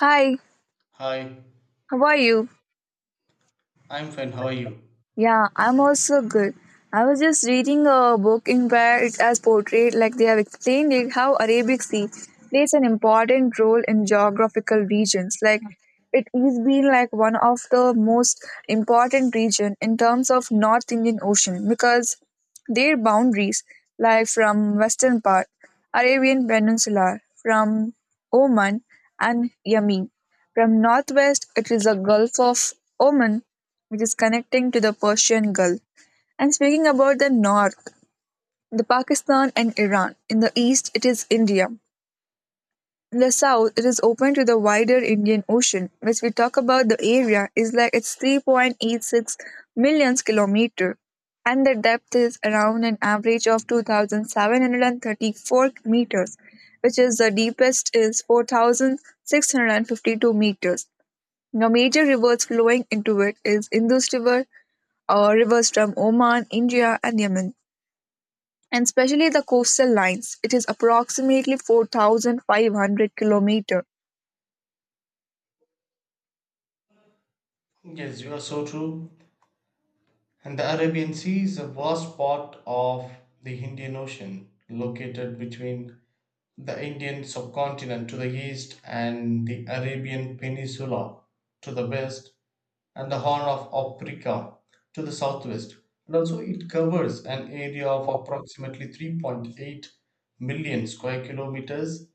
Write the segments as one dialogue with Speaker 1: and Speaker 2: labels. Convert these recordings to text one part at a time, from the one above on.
Speaker 1: Hi,
Speaker 2: Hi,
Speaker 1: how are you?
Speaker 2: I'm fine. How are you?
Speaker 1: Yeah, I'm also good. I was just reading a book in where it has portrayed, like they have explained it, how Arabic Sea plays an important role in geographical regions. Like it is been like one of the most important region in terms of North Indian Ocean because their boundaries lie from western part, Arabian Peninsula, from Oman and Yemen. From northwest, it is the Gulf of Oman which is connecting to the Persian Gulf. And speaking about the north, the Pakistan and Iran. In the east, it is India. In the south, it is open to the wider Indian Ocean, which we talk about the area is like it's 3.86 million kilometer, and the depth is around an average of 2,734 meters, which is the deepest is 4,652 meters. Now, major rivers flowing into it is Indus River, rivers from Oman, India, and Yemen, and especially the coastal lines. It is approximately 4,500 kilometer.
Speaker 2: Yes, you are so true. And the Arabian Sea is a vast part of the Indian Ocean, located between the Indian subcontinent to the east and the Arabian Peninsula to the west, and the Horn of Africa to the southwest. And also, it covers an area of approximately 3.8 million square kilometers,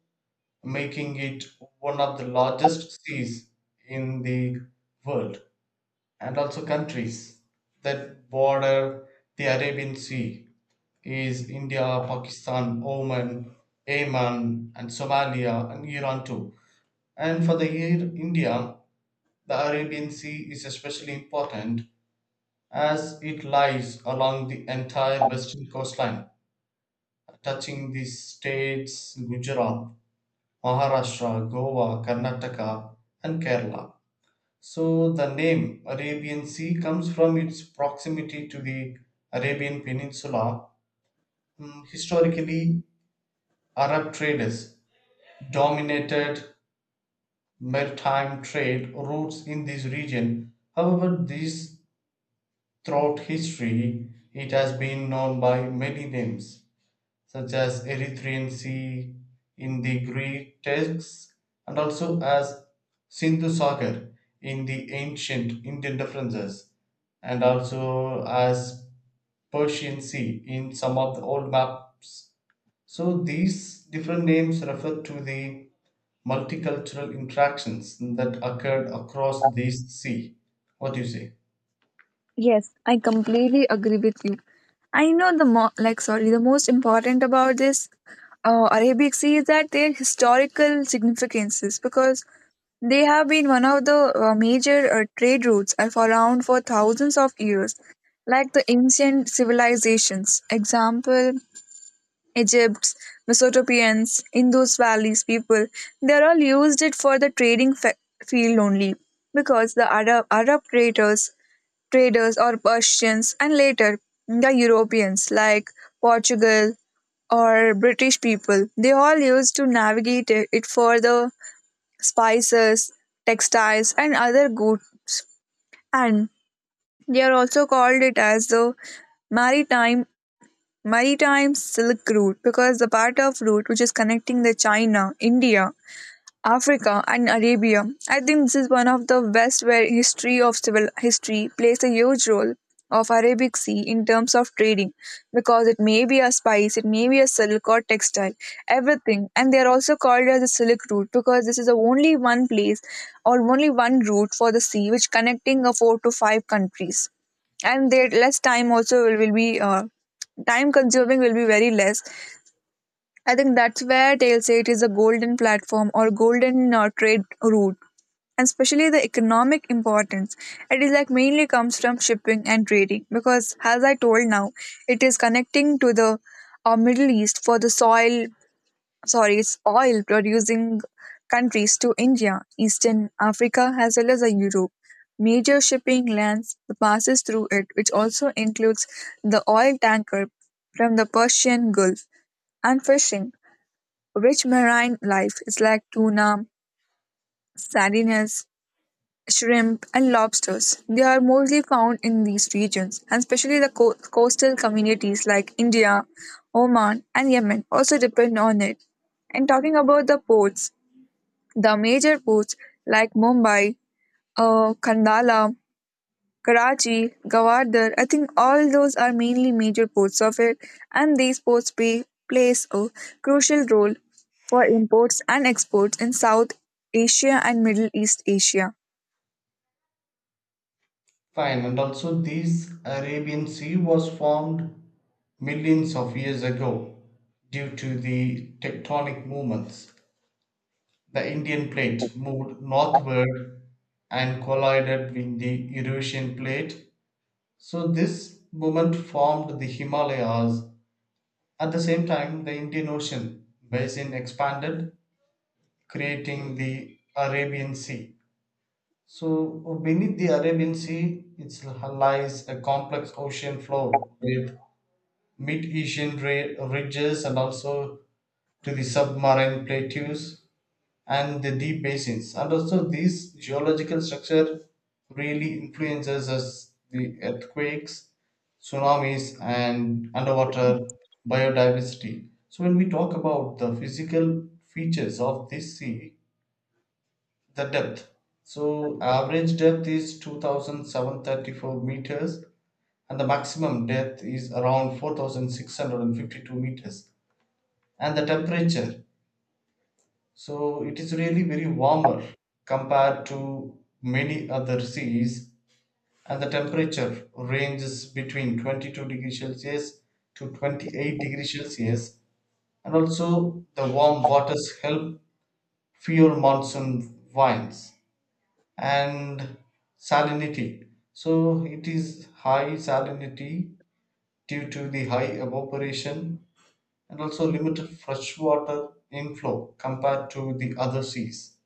Speaker 2: making it one of the largest seas in the world. And also, countries that border the Arabian Sea is India, Pakistan, Oman, Yemen, and Somalia, and Iran too. And for the year India, the Arabian Sea is especially important as it lies along the entire western coastline, touching the states Gujarat, Maharashtra, Goa, Karnataka, and Kerala. So the name Arabian Sea comes from its proximity to the Arabian Peninsula. Historically, Arab traders dominated maritime trade routes in this region. However, this throughout history, it has been known by many names, such as Erythraean Sea in the Greek texts and also as Sindhu Sagar in the ancient Indian references and also as Persian Sea in some of the old maps. So these different names refer to the multicultural interactions that occurred across these sea. What do you say?
Speaker 1: Yes, I completely agree with you. I know the mo- like sorry, the most important about this Arabic Sea is that their historical significances because they have been one of the major trade routes for around for thousands of years, like the ancient civilizations. Example, Egypt, Mesopotamians, Indus Valley's people, they all used it for the trading field only because the Arab traders or Persians and later the Europeans like Portugal or British people, they all used to navigate it for the spices, textiles and other goods and they are also called it as the maritime maritime silk route because the part of route which is connecting the China, India, Africa and Arabia. I think this is one of the west where history of civil history plays a huge role of Arabic Sea in terms of trading because it may be a spice, it may be a silk or textile, everything. And they are also called as the Silk Route because this is the only one place or only one route for the sea which connecting a four to five countries. And there less time also will be time consuming will be very less. I think that's where they'll say it is a golden platform or golden trade route, and especially the economic importance. It is like mainly comes from shipping and trading because, as I told now, it is connecting to the Middle East for the soil, sorry, it's oil producing countries to India, Eastern Africa, as well as Europe. Major shipping lanes passes through it, which also includes the oil tanker from the Persian Gulf and fishing. Rich marine life is like tuna, sardines, shrimp, and lobsters. They are mostly found in these regions, and especially the coastal communities like India, Oman, and Yemen also depend on it. And talking about the ports, the major ports like Mumbai, Kandala, Karachi, Gawadar, I think all those are mainly major ports of it, and these ports plays a crucial role for imports and exports in South Asia and Middle East Asia.
Speaker 2: Fine, and also this Arabian Sea was formed millions of years ago due to the tectonic movements. The Indian plate moved northward and collided with the Eurasian plate. So, this movement formed the Himalayas. At the same time, the Indian Ocean basin expanded, creating the Arabian Sea. So beneath the Arabian Sea, it lies a complex ocean floor with mid-Asian ridges and also to the submarine plateaus and the deep basins. And also this geological structure really influences us the earthquakes, tsunamis and underwater biodiversity. So when we talk about the physical features of this sea, the depth, so average depth is two thousand seven thirty four meters and the maximum depth is around 4,652 meters. And the temperature, so it is really very warmer compared to many other seas, and the temperature ranges between 22 degrees Celsius to 28 degrees Celsius. And also the warm waters help fuel monsoon vines and salinity. So it is high salinity due to the high evaporation and also limited freshwater inflow compared to the other seas.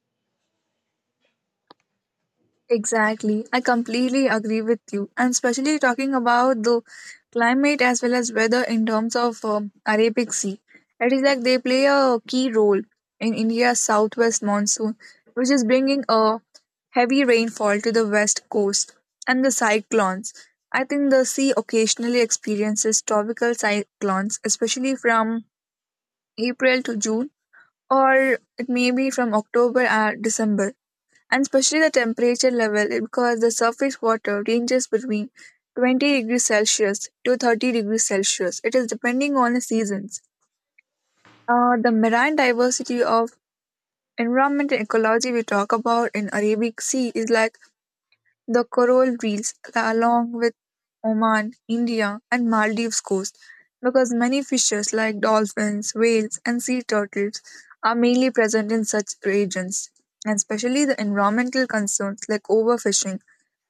Speaker 1: Exactly. I completely agree with you. And especially talking about the climate as well as weather in terms of Arabic Sea. It is like they play a key role in India's southwest monsoon, which is bringing a heavy rainfall to the west coast and the cyclones. I think the sea occasionally experiences tropical cyclones, especially from April to June, or it may be from October and December, and especially the temperature level because the surface water ranges between 20 degrees Celsius to 30 degrees Celsius. It is depending on the seasons. The marine diversity of environment and ecology we talk about in Arabic Sea is like the coral reefs along with Oman, India, and Maldives coast because many fishes like dolphins, whales, and sea turtles are mainly present in such regions, and especially the environmental concerns like overfishing,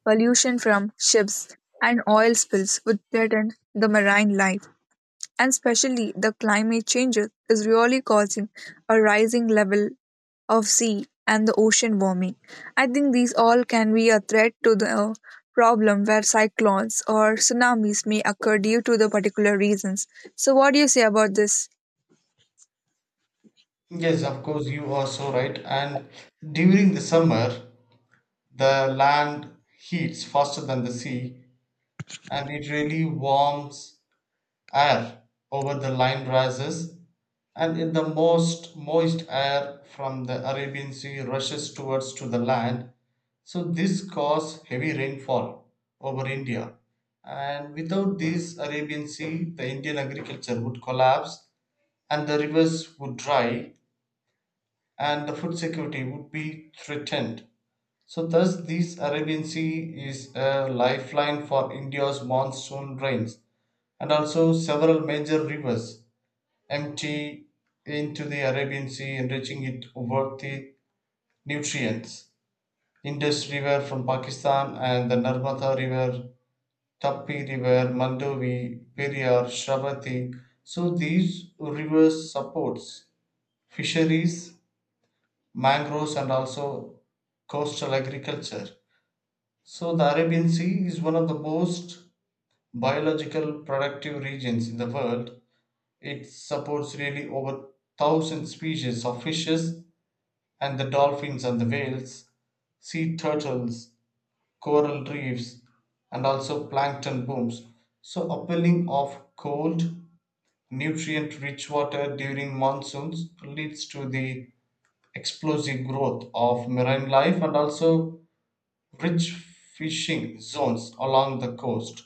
Speaker 1: pollution from ships, and oil spills would threaten the marine life, and especially the climate changes is really causing a rising level of sea and the ocean warming. I think these all can be a threat to the problem where cyclones or tsunamis may occur due to the particular reasons. So what do you say about this?
Speaker 2: Yes, of course, you are so right. And during the summer, the land heats faster than the sea, and it really warms air over the line rises, and in the most moist air from the Arabian Sea rushes towards to the land. So this causes heavy rainfall over India. And without this Arabian Sea, the Indian agriculture would collapse and the rivers would dry and the food security would be threatened. So thus this Arabian Sea is a lifeline for India's monsoon rains, and also several major rivers empty into the Arabian Sea, enriching it with the nutrients. Indus River from Pakistan and the Narmada River, Tapi River, Mandovi, Periyar, Shravati. So these rivers supports fisheries, mangroves and also coastal agriculture. So the Arabian Sea is one of the most biological productive regions in the world. It supports really over 1,000 species of fishes and the dolphins and the whales, sea turtles, coral reefs, and also plankton booms. So, upwelling of cold, nutrient rich water during monsoons leads to the explosive growth of marine life and also rich fishing zones along the coast.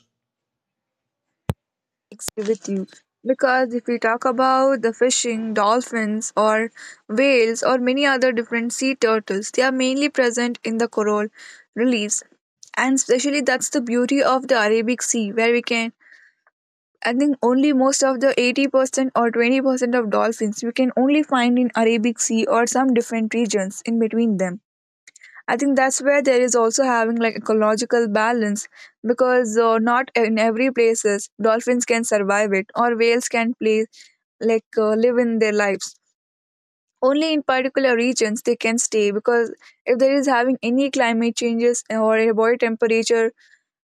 Speaker 1: With you because if we talk about the fishing, dolphins, or whales, or many other different sea turtles, they are mainly present in the coral reliefs, and especially that's the beauty of the Arabic Sea, where we can. I think only most of the 80% or 20% of dolphins we can only find in Arabic Sea or some different regions in between them. I think that's where there is also having like ecological balance because not in every places dolphins can survive it or whales can play like live in their lives. Only in particular regions they can stay because if there is having any climate changes or a body temperature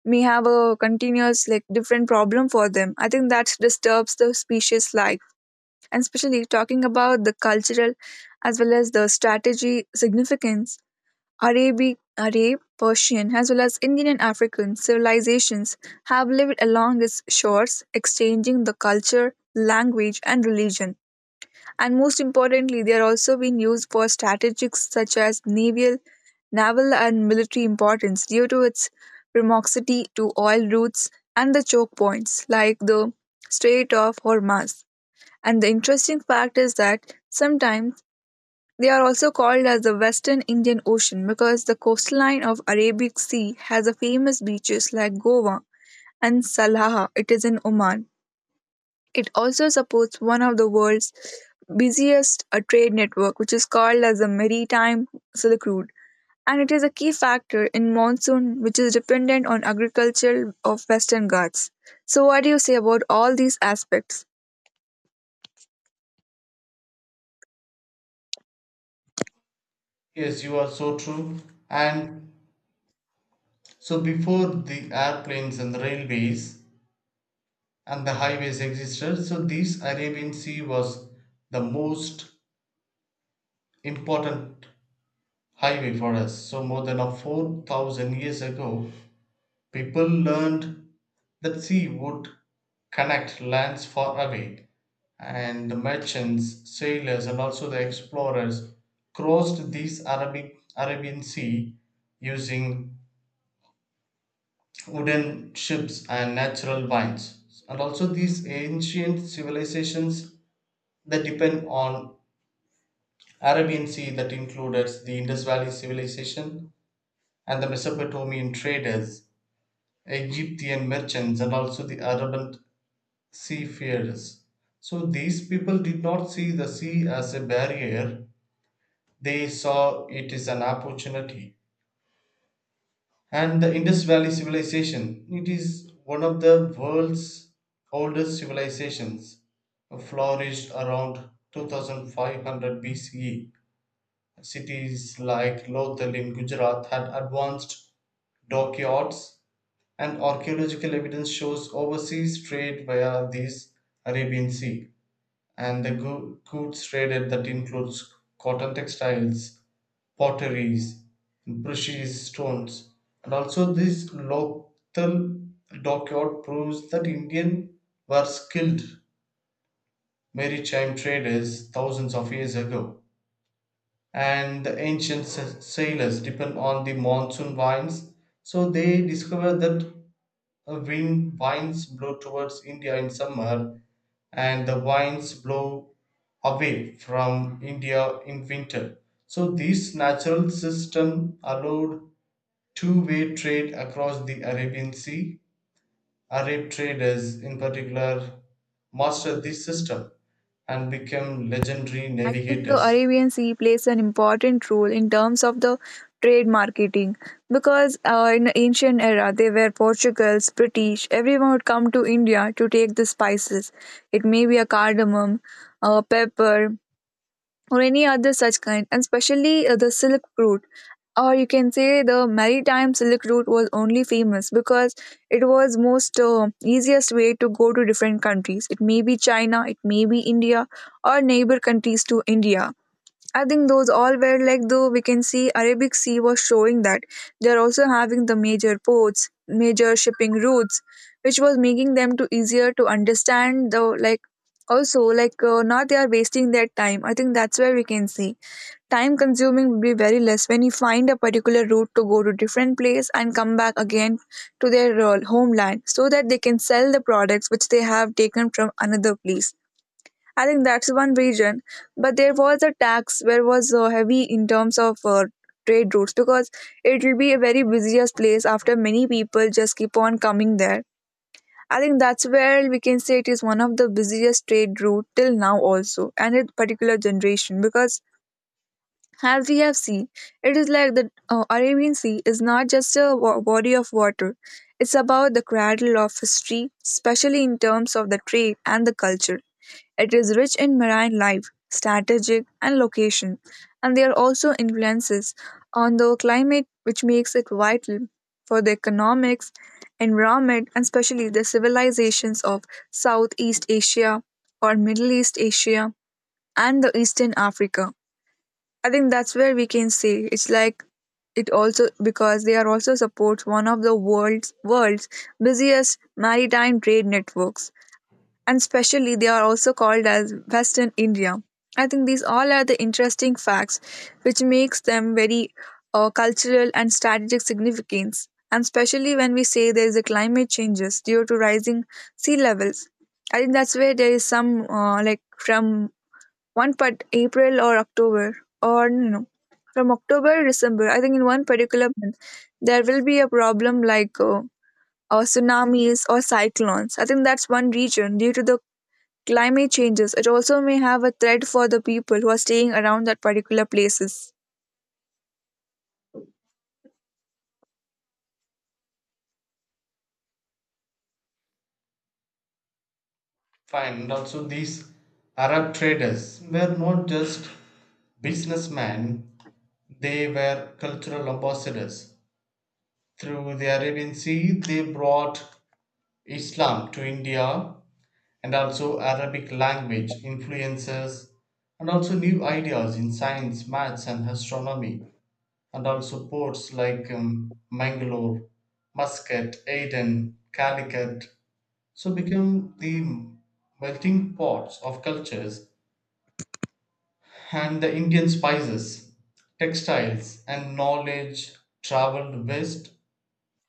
Speaker 1: may have a continuous like different problem for them. I think that disturbs the species life, and especially talking about the cultural as well as the strategy significance. Arab, Persian, as well as Indian and African civilizations have lived along its shores, exchanging the culture, language, and religion. And most importantly, they are also being used for strategies such as naval and military importance due to its proximity to oil routes and the choke points like the Strait of Hormuz. And the interesting fact is that sometimes they are also called as the Western Indian Ocean because the coastline of Arabic Sea has a famous beaches like Goa and Salalah. It is in Oman. It also supports one of the world's busiest trade network which is called as the maritime silk route, and it is a key factor in monsoon which is dependent on agriculture of Western Ghats. So what do you say about all these aspects?
Speaker 2: Yes, you are so true. And so, before the airplanes and the railways, and the highways existed. So this Arabian Sea was the most important highway for us. So more than a 4,000 years ago, people learned that sea would connect lands far away and the merchants, sailors and also the explorers crossed this Arabic Arabian Sea using wooden ships and natural vines. And also these ancient civilizations that depend on Arabian Sea that included the Indus Valley civilization and the Mesopotamian traders, Egyptian merchants, and also the Arabian seafarers. So these people did not see the sea as a barrier, they saw it as an opportunity. And the Indus Valley civilization, it is one of the world's oldest civilizations, flourished around 2500 BCE. Cities like Lothal in Gujarat had advanced dockyards, and archaeological evidence shows overseas trade via these Arabian Sea, and the goods traded that includes cotton textiles, potteries, precious stones, and also this Lothal dockyard proves that Indian were skilled maritime traders thousands of years ago. And the ancient sailors depend on the monsoon winds. So they discovered that winds blow towards India in summer, and the winds blow away from India in winter. So this natural system allowed two-way trade across the Arabian Sea. Arab traders, in particular, mastered this system and became legendary
Speaker 1: I think the
Speaker 2: navigators.
Speaker 1: Arabian Sea plays an important role in terms of the trade marketing because in the ancient era they were Portuguese, British. Everyone would come to India to take the spices. It may be a cardamom, a pepper, or any other such kind, and especially the silk route. Or you can say the maritime silk route was only famous because it was most easiest way to go to different countries. It may be China, it may be India, or neighbor countries to India. I think those all were like though we can see Arabic Sea was showing that they're also having the major ports, major shipping routes, which was making them to easier to understand though like also like not they are wasting their time. I think that's where we can see time consuming will be very less when you find a particular route to go to different place and come back again to their homeland so that they can sell the products which they have taken from another place. I think that's one region. But there was a tax where was heavy in terms of trade routes because it will be a very busiest place after many people just keep on coming there. I think that's where we can say it is one of the busiest trade route till now also and in particular generation because, as we have seen, it is like the Arabian Sea is not just a body of water, it's about the cradle of history, especially in terms of the trade and the culture. It is rich in marine life, strategic, and location, and there are also influences on the climate which makes it vital for the economics, environment, and especially the civilizations of Southeast Asia or Middle East Asia and the Eastern Africa. I think that's where we can say it's like it also because they are also supports one of the world's busiest maritime trade networks, and specially they are also called as Western India. I think these all are the interesting facts which makes them very cultural and strategic significance, and especially when we say there is a climate changes due to rising sea levels. I think that's where there is some uh, like from one part April or October or no, no, from October to December. I think in one particular month there will be a problem like tsunamis or cyclones. I think that's one region due to the climate changes. It also may have a threat for the people who are staying around that particular places
Speaker 2: Find also these Arab traders were not just businessmen, they were cultural ambassadors. Through the Arabian Sea, they brought Islam to India and also Arabic language influences and also new ideas in science, maths, and astronomy, and also ports like Mangalore, Muscat, Aden, Calicut. So become the melting pots of cultures. And the Indian spices, textiles, and knowledge traveled west,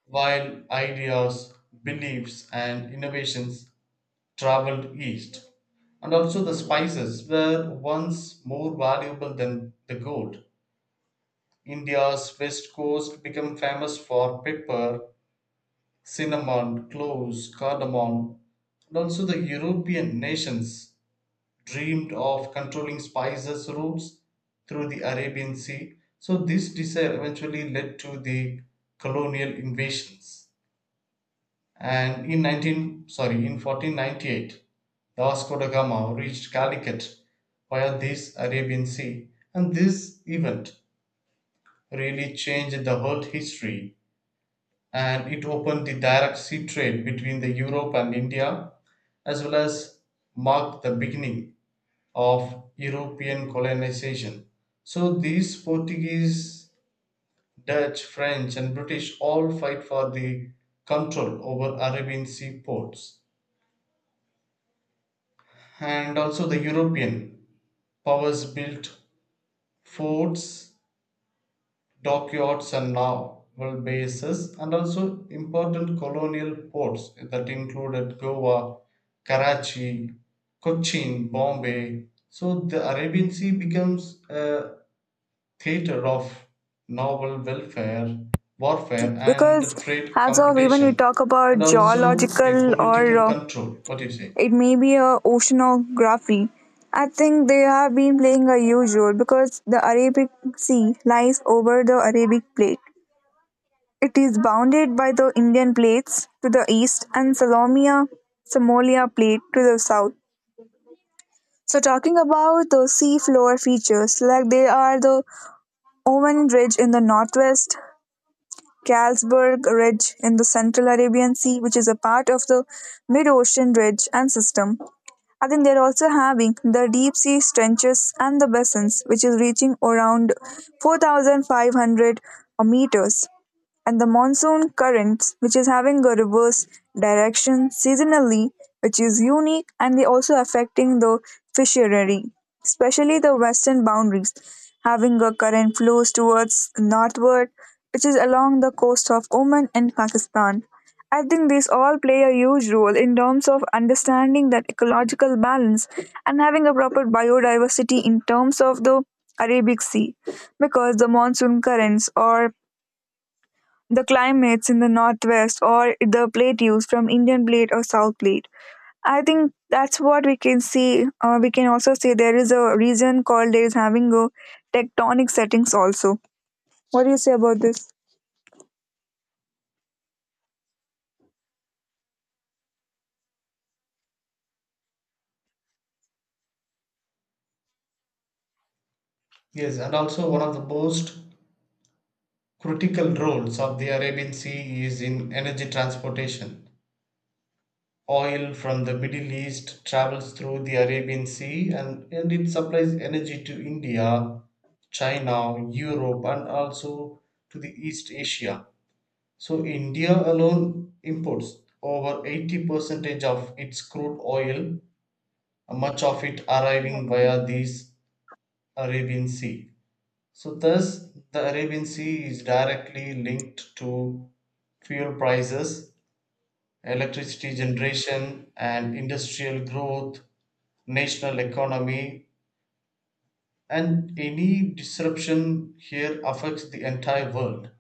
Speaker 2: while ideas, beliefs, and innovations traveled east. And also, the spices were once more valuable than the gold. India's west coast became famous for pepper, cinnamon, cloves, cardamom, and also the European nations dreamed of controlling Spicer's routes through the Arabian Sea. So, this desire eventually led to the colonial invasions. And in 19, sorry, in 1498, the Vasco da Gama reached Calicut via this Arabian Sea. And this event really changed the world history and it opened the direct sea trade between the Europe and India as well as marked the beginning of European colonization. So these Portuguese, Dutch, French, and British all fight for the control over Arabian sea ports. And also the European powers built forts, dockyards, and naval bases, and also important colonial ports that included Goa, Karachi, Cochin, Bombay. So the Arabian Sea becomes a theatre of naval welfare, warfare,
Speaker 1: because
Speaker 2: and trade
Speaker 1: as of even you
Speaker 2: competition,
Speaker 1: talk about
Speaker 2: and also the
Speaker 1: geological or
Speaker 2: political control. What do you say?
Speaker 1: it may be a oceanography. I think they have been playing a huge role because the Arabic Sea lies over the Arabic Plate. It is bounded by the Indian plates to the east and Salomia Somalia plate to the south. So talking about the seafloor features, like they are the Oman Ridge in the northwest, Carlsberg Ridge in the Central Arabian Sea, which is a part of the mid-ocean ridge and system. I think they're also having the deep sea trenches and the basins, which is reaching around 4,500 meters, and the monsoon currents, which is having a reverse direction seasonally, which is unique, and they also affecting the fishery, especially the western boundaries, having a current flows towards northward, which is along the coast of Oman and Pakistan. I think these all play a huge role in terms of understanding that ecological balance and having a proper biodiversity in terms of the Arabic Sea, because the monsoon currents or the climates in the Northwest or the plateaus from Indian plate or South plate. I think that's what we can see. We can also say there is a region called there is having a tectonic settings also. What do you say about this?
Speaker 2: Yes, and also one of the most critical roles of the Arabian Sea is in energy transportation. Oil from the Middle East travels through the Arabian Sea, and it supplies energy to India, China, Europe, and also to the East Asia. So India alone imports over 80 percentage of its crude oil, much of it arriving via the Arabian Sea. So thus the Arabian Sea is directly linked to fuel prices, electricity generation and industrial growth, national economy, and any disruption here affects the entire world.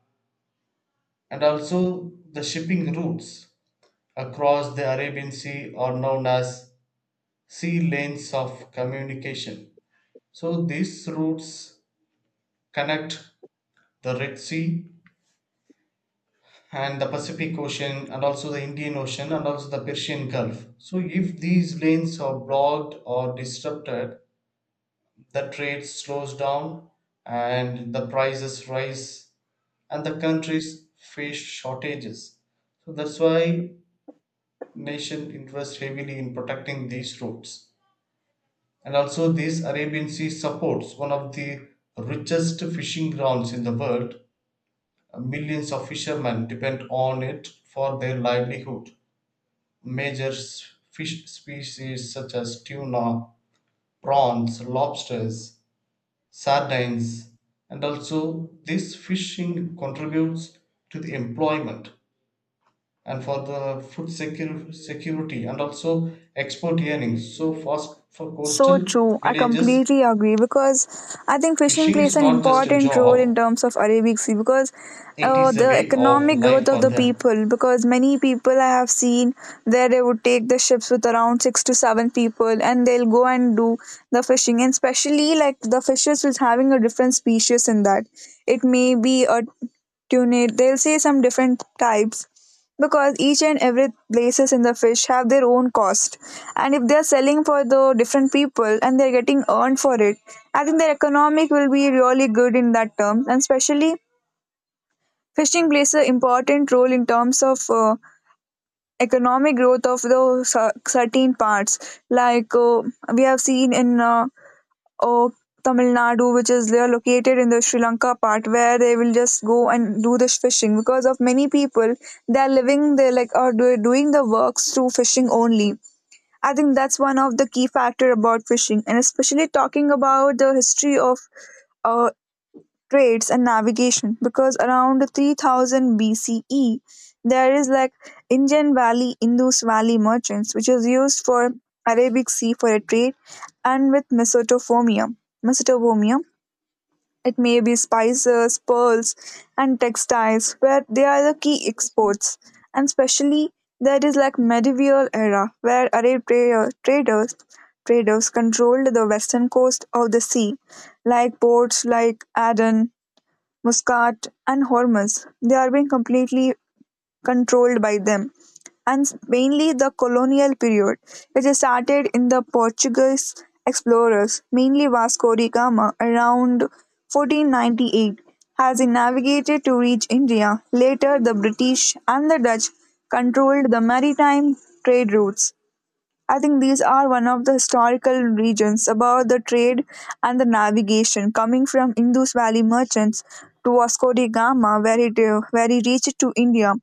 Speaker 2: And also the shipping routes across the Arabian Sea are known as sea lanes of communication. So these routes connect the Red Sea and the Pacific Ocean and also the Indian Ocean and also the Persian Gulf. So if these lanes are blocked or disrupted, the trade slows down and the prices rise and the countries face shortages. So that's why nation invests heavily in protecting these routes. And also, this Arabian Sea supports one of the richest fishing grounds in the world. Millions of fishermen depend on it for their livelihood. Major fish species such as tuna, prawns, lobsters, sardines, and also this fishing contributes to the employment and for the food security and also export earnings. So, for
Speaker 1: So
Speaker 2: coastal
Speaker 1: true. I
Speaker 2: villages,
Speaker 1: completely agree, because I think fishing
Speaker 2: fishing
Speaker 1: plays
Speaker 2: is
Speaker 1: an
Speaker 2: not just a
Speaker 1: important role in
Speaker 2: job,
Speaker 1: terms of Arabic Sea because
Speaker 2: it is a
Speaker 1: the
Speaker 2: way of
Speaker 1: economic growth
Speaker 2: life
Speaker 1: of
Speaker 2: for
Speaker 1: the
Speaker 2: them.
Speaker 1: people. Because many people I have seen there, they would take the ships with around 6 to 7 people and they'll go and do the fishing. And especially like the fishes is having a different species in that. It may be a tuna. They'll say some different types, because each and every places in the fish have their own cost, and if they're selling for the different people and they're getting earned for it, I think their economic will be really good in that term. And especially fishing plays an important role in terms of economic growth of the certain parts like we have seen in of Tamil Nadu, which is they are located in the Sri Lanka part, where they will just go and do this fishing, because of many people they are living they like are doing the works through fishing only. I think that's one of the key factor about fishing. And especially talking about the history of uh, trades and navigation, because around 3000 BCE there is like Indian Valley Indus Valley merchants which is used for Arabic Sea for a trade and with Mesopotamia. It may be spices, pearls and textiles, where they are the key exports. And especially there is like medieval era where Arab traders controlled the western coast of the sea, like ports like Aden, Muscat, and Hormuz. They are being completely controlled by them. And mainly the colonial period, which started in the Portuguese explorers, mainly Vasco da Gama, around 1498, has navigated to reach India. Later, the British and the Dutch controlled the maritime trade routes. I think these are one of the historical regions about the trade and the navigation, coming from Indus Valley merchants to Vasco da Gama, where it where he reached to India.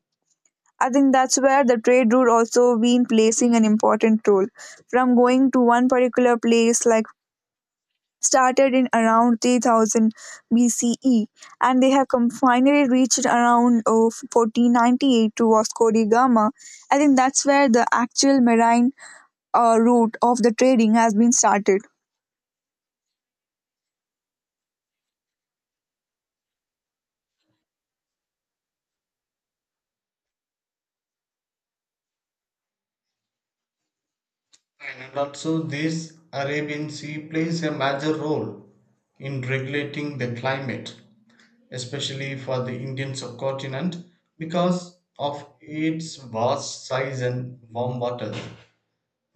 Speaker 1: I think that's where the trade route also been placing an important role, from going to one particular place like started in around 3000 BCE, and they have come finally reached around oh, 1498 to Vasco da Gama. I think that's where the actual marine route of the trading has been started.
Speaker 2: And also, this Arabian Sea plays a major role in regulating the climate, especially for the Indian subcontinent, because of its vast size and warm water.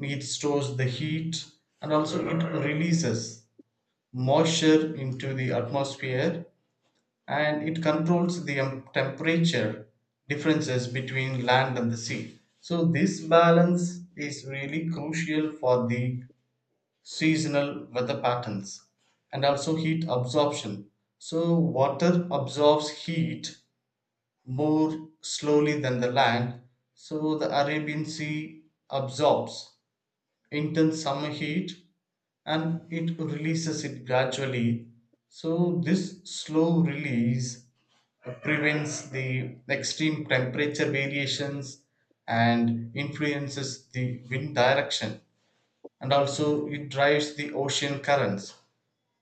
Speaker 2: It stores the heat and also it releases moisture into the atmosphere and it controls the temperature differences between land and the sea. So, this balance is really crucial for the seasonal weather patterns and also heat absorption. So, water absorbs heat more slowly than the land, so the Arabian Sea absorbs intense summer heat and it releases it gradually. So, this slow release prevents the extreme temperature variations and influences the wind direction and also it drives the ocean currents.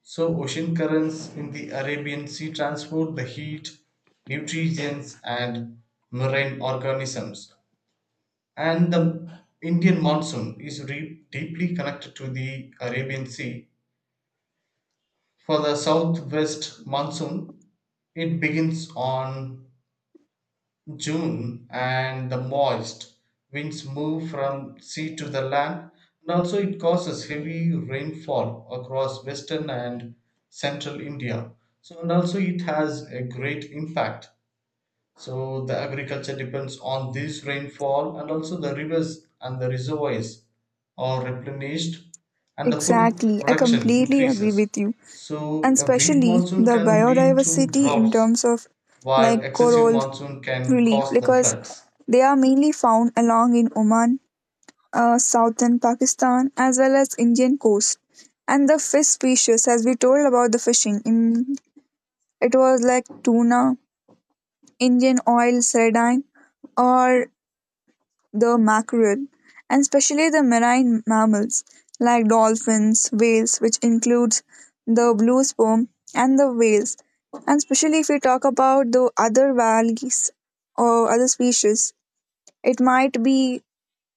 Speaker 2: So ocean currents in the Arabian Sea transport the heat, nutrients and marine organisms, and the Indian monsoon is deeply connected to the Arabian Sea. For the southwest monsoon, it begins on June and the moist winds move from sea to the land, and also it causes heavy rainfall across western and central India. So and also it has a great impact. So the agriculture depends on this rainfall and also the rivers and the reservoirs are replenished and the food
Speaker 1: Exactly, I
Speaker 2: production
Speaker 1: completely agree
Speaker 2: increases.
Speaker 1: with you. And
Speaker 2: So a weak
Speaker 1: especially
Speaker 2: monsoon
Speaker 1: the
Speaker 2: can lead to
Speaker 1: biodiversity in
Speaker 2: droughts
Speaker 1: terms of
Speaker 2: while
Speaker 1: like
Speaker 2: excessive
Speaker 1: coral
Speaker 2: monsoon can
Speaker 1: relief,
Speaker 2: cause the
Speaker 1: because
Speaker 2: floods.
Speaker 1: they are mainly found along in Oman, southern Pakistan as well as Indian coast. And the fish species, as we told about the fishing, in, it was like tuna, Indian oil sardine, or the mackerel, and especially the marine mammals like dolphins, whales, which includes the blue sperm and the whales. And especially if we talk about the other whales or other species, it might be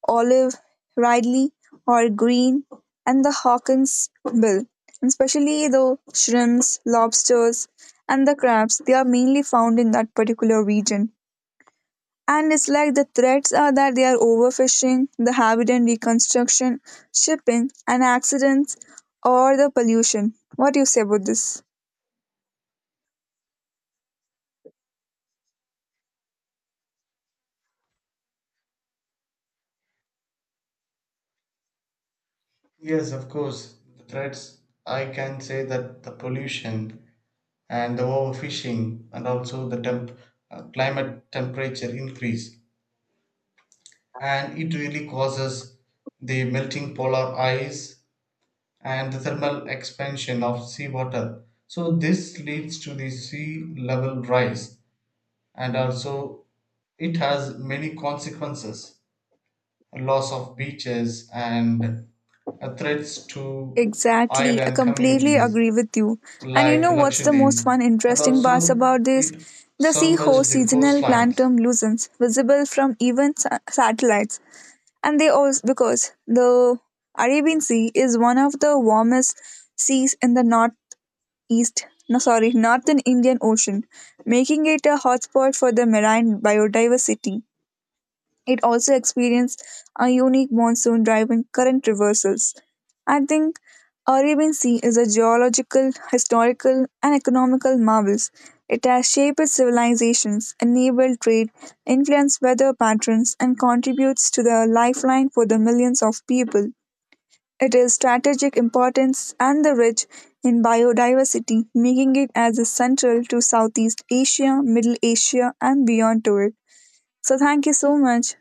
Speaker 1: Olive Ridley or Green, and the Hawkins bill, and especially the shrimps, lobsters, and the crabs. They are mainly found in that particular region. And it's like the threats are that they are overfishing, the habitat reconstruction, shipping, and accidents, or the pollution. What do you say about this?
Speaker 2: Yes, of course, the threats I can say that the pollution and the overfishing and also the climate temperature increase and it really causes the melting polar ice and the thermal expansion of seawater, so this leads to the sea level rise. And also it has many consequences, loss of beaches, and threats to
Speaker 1: Exactly. I
Speaker 2: island
Speaker 1: completely
Speaker 2: communities
Speaker 1: agree with you. And you
Speaker 2: like
Speaker 1: know what's the most
Speaker 2: Lakshadweep,
Speaker 1: fun,
Speaker 2: and
Speaker 1: interesting parts
Speaker 2: also
Speaker 1: about this?
Speaker 2: it
Speaker 1: The sea
Speaker 2: submerged
Speaker 1: seahorse
Speaker 2: the
Speaker 1: seasonal
Speaker 2: coastlines.
Speaker 1: plankton loosens, visible from even satellites. And they also, because the Arabian Sea is one of the warmest seas in the northeast, no, sorry, northern Indian Ocean, making it a hotspot for the marine biodiversity. It also experienced a unique monsoon driven current reversals. I think Arabian Sea is a geological, historical, and economical marvel. It has shaped civilizations, enabled trade, influenced weather patterns, and contributes to the lifeline for the millions of people. It is strategic importance and the rich in biodiversity, making it as a central to Southeast Asia, Middle Asia, and beyond to it. So thank you so much.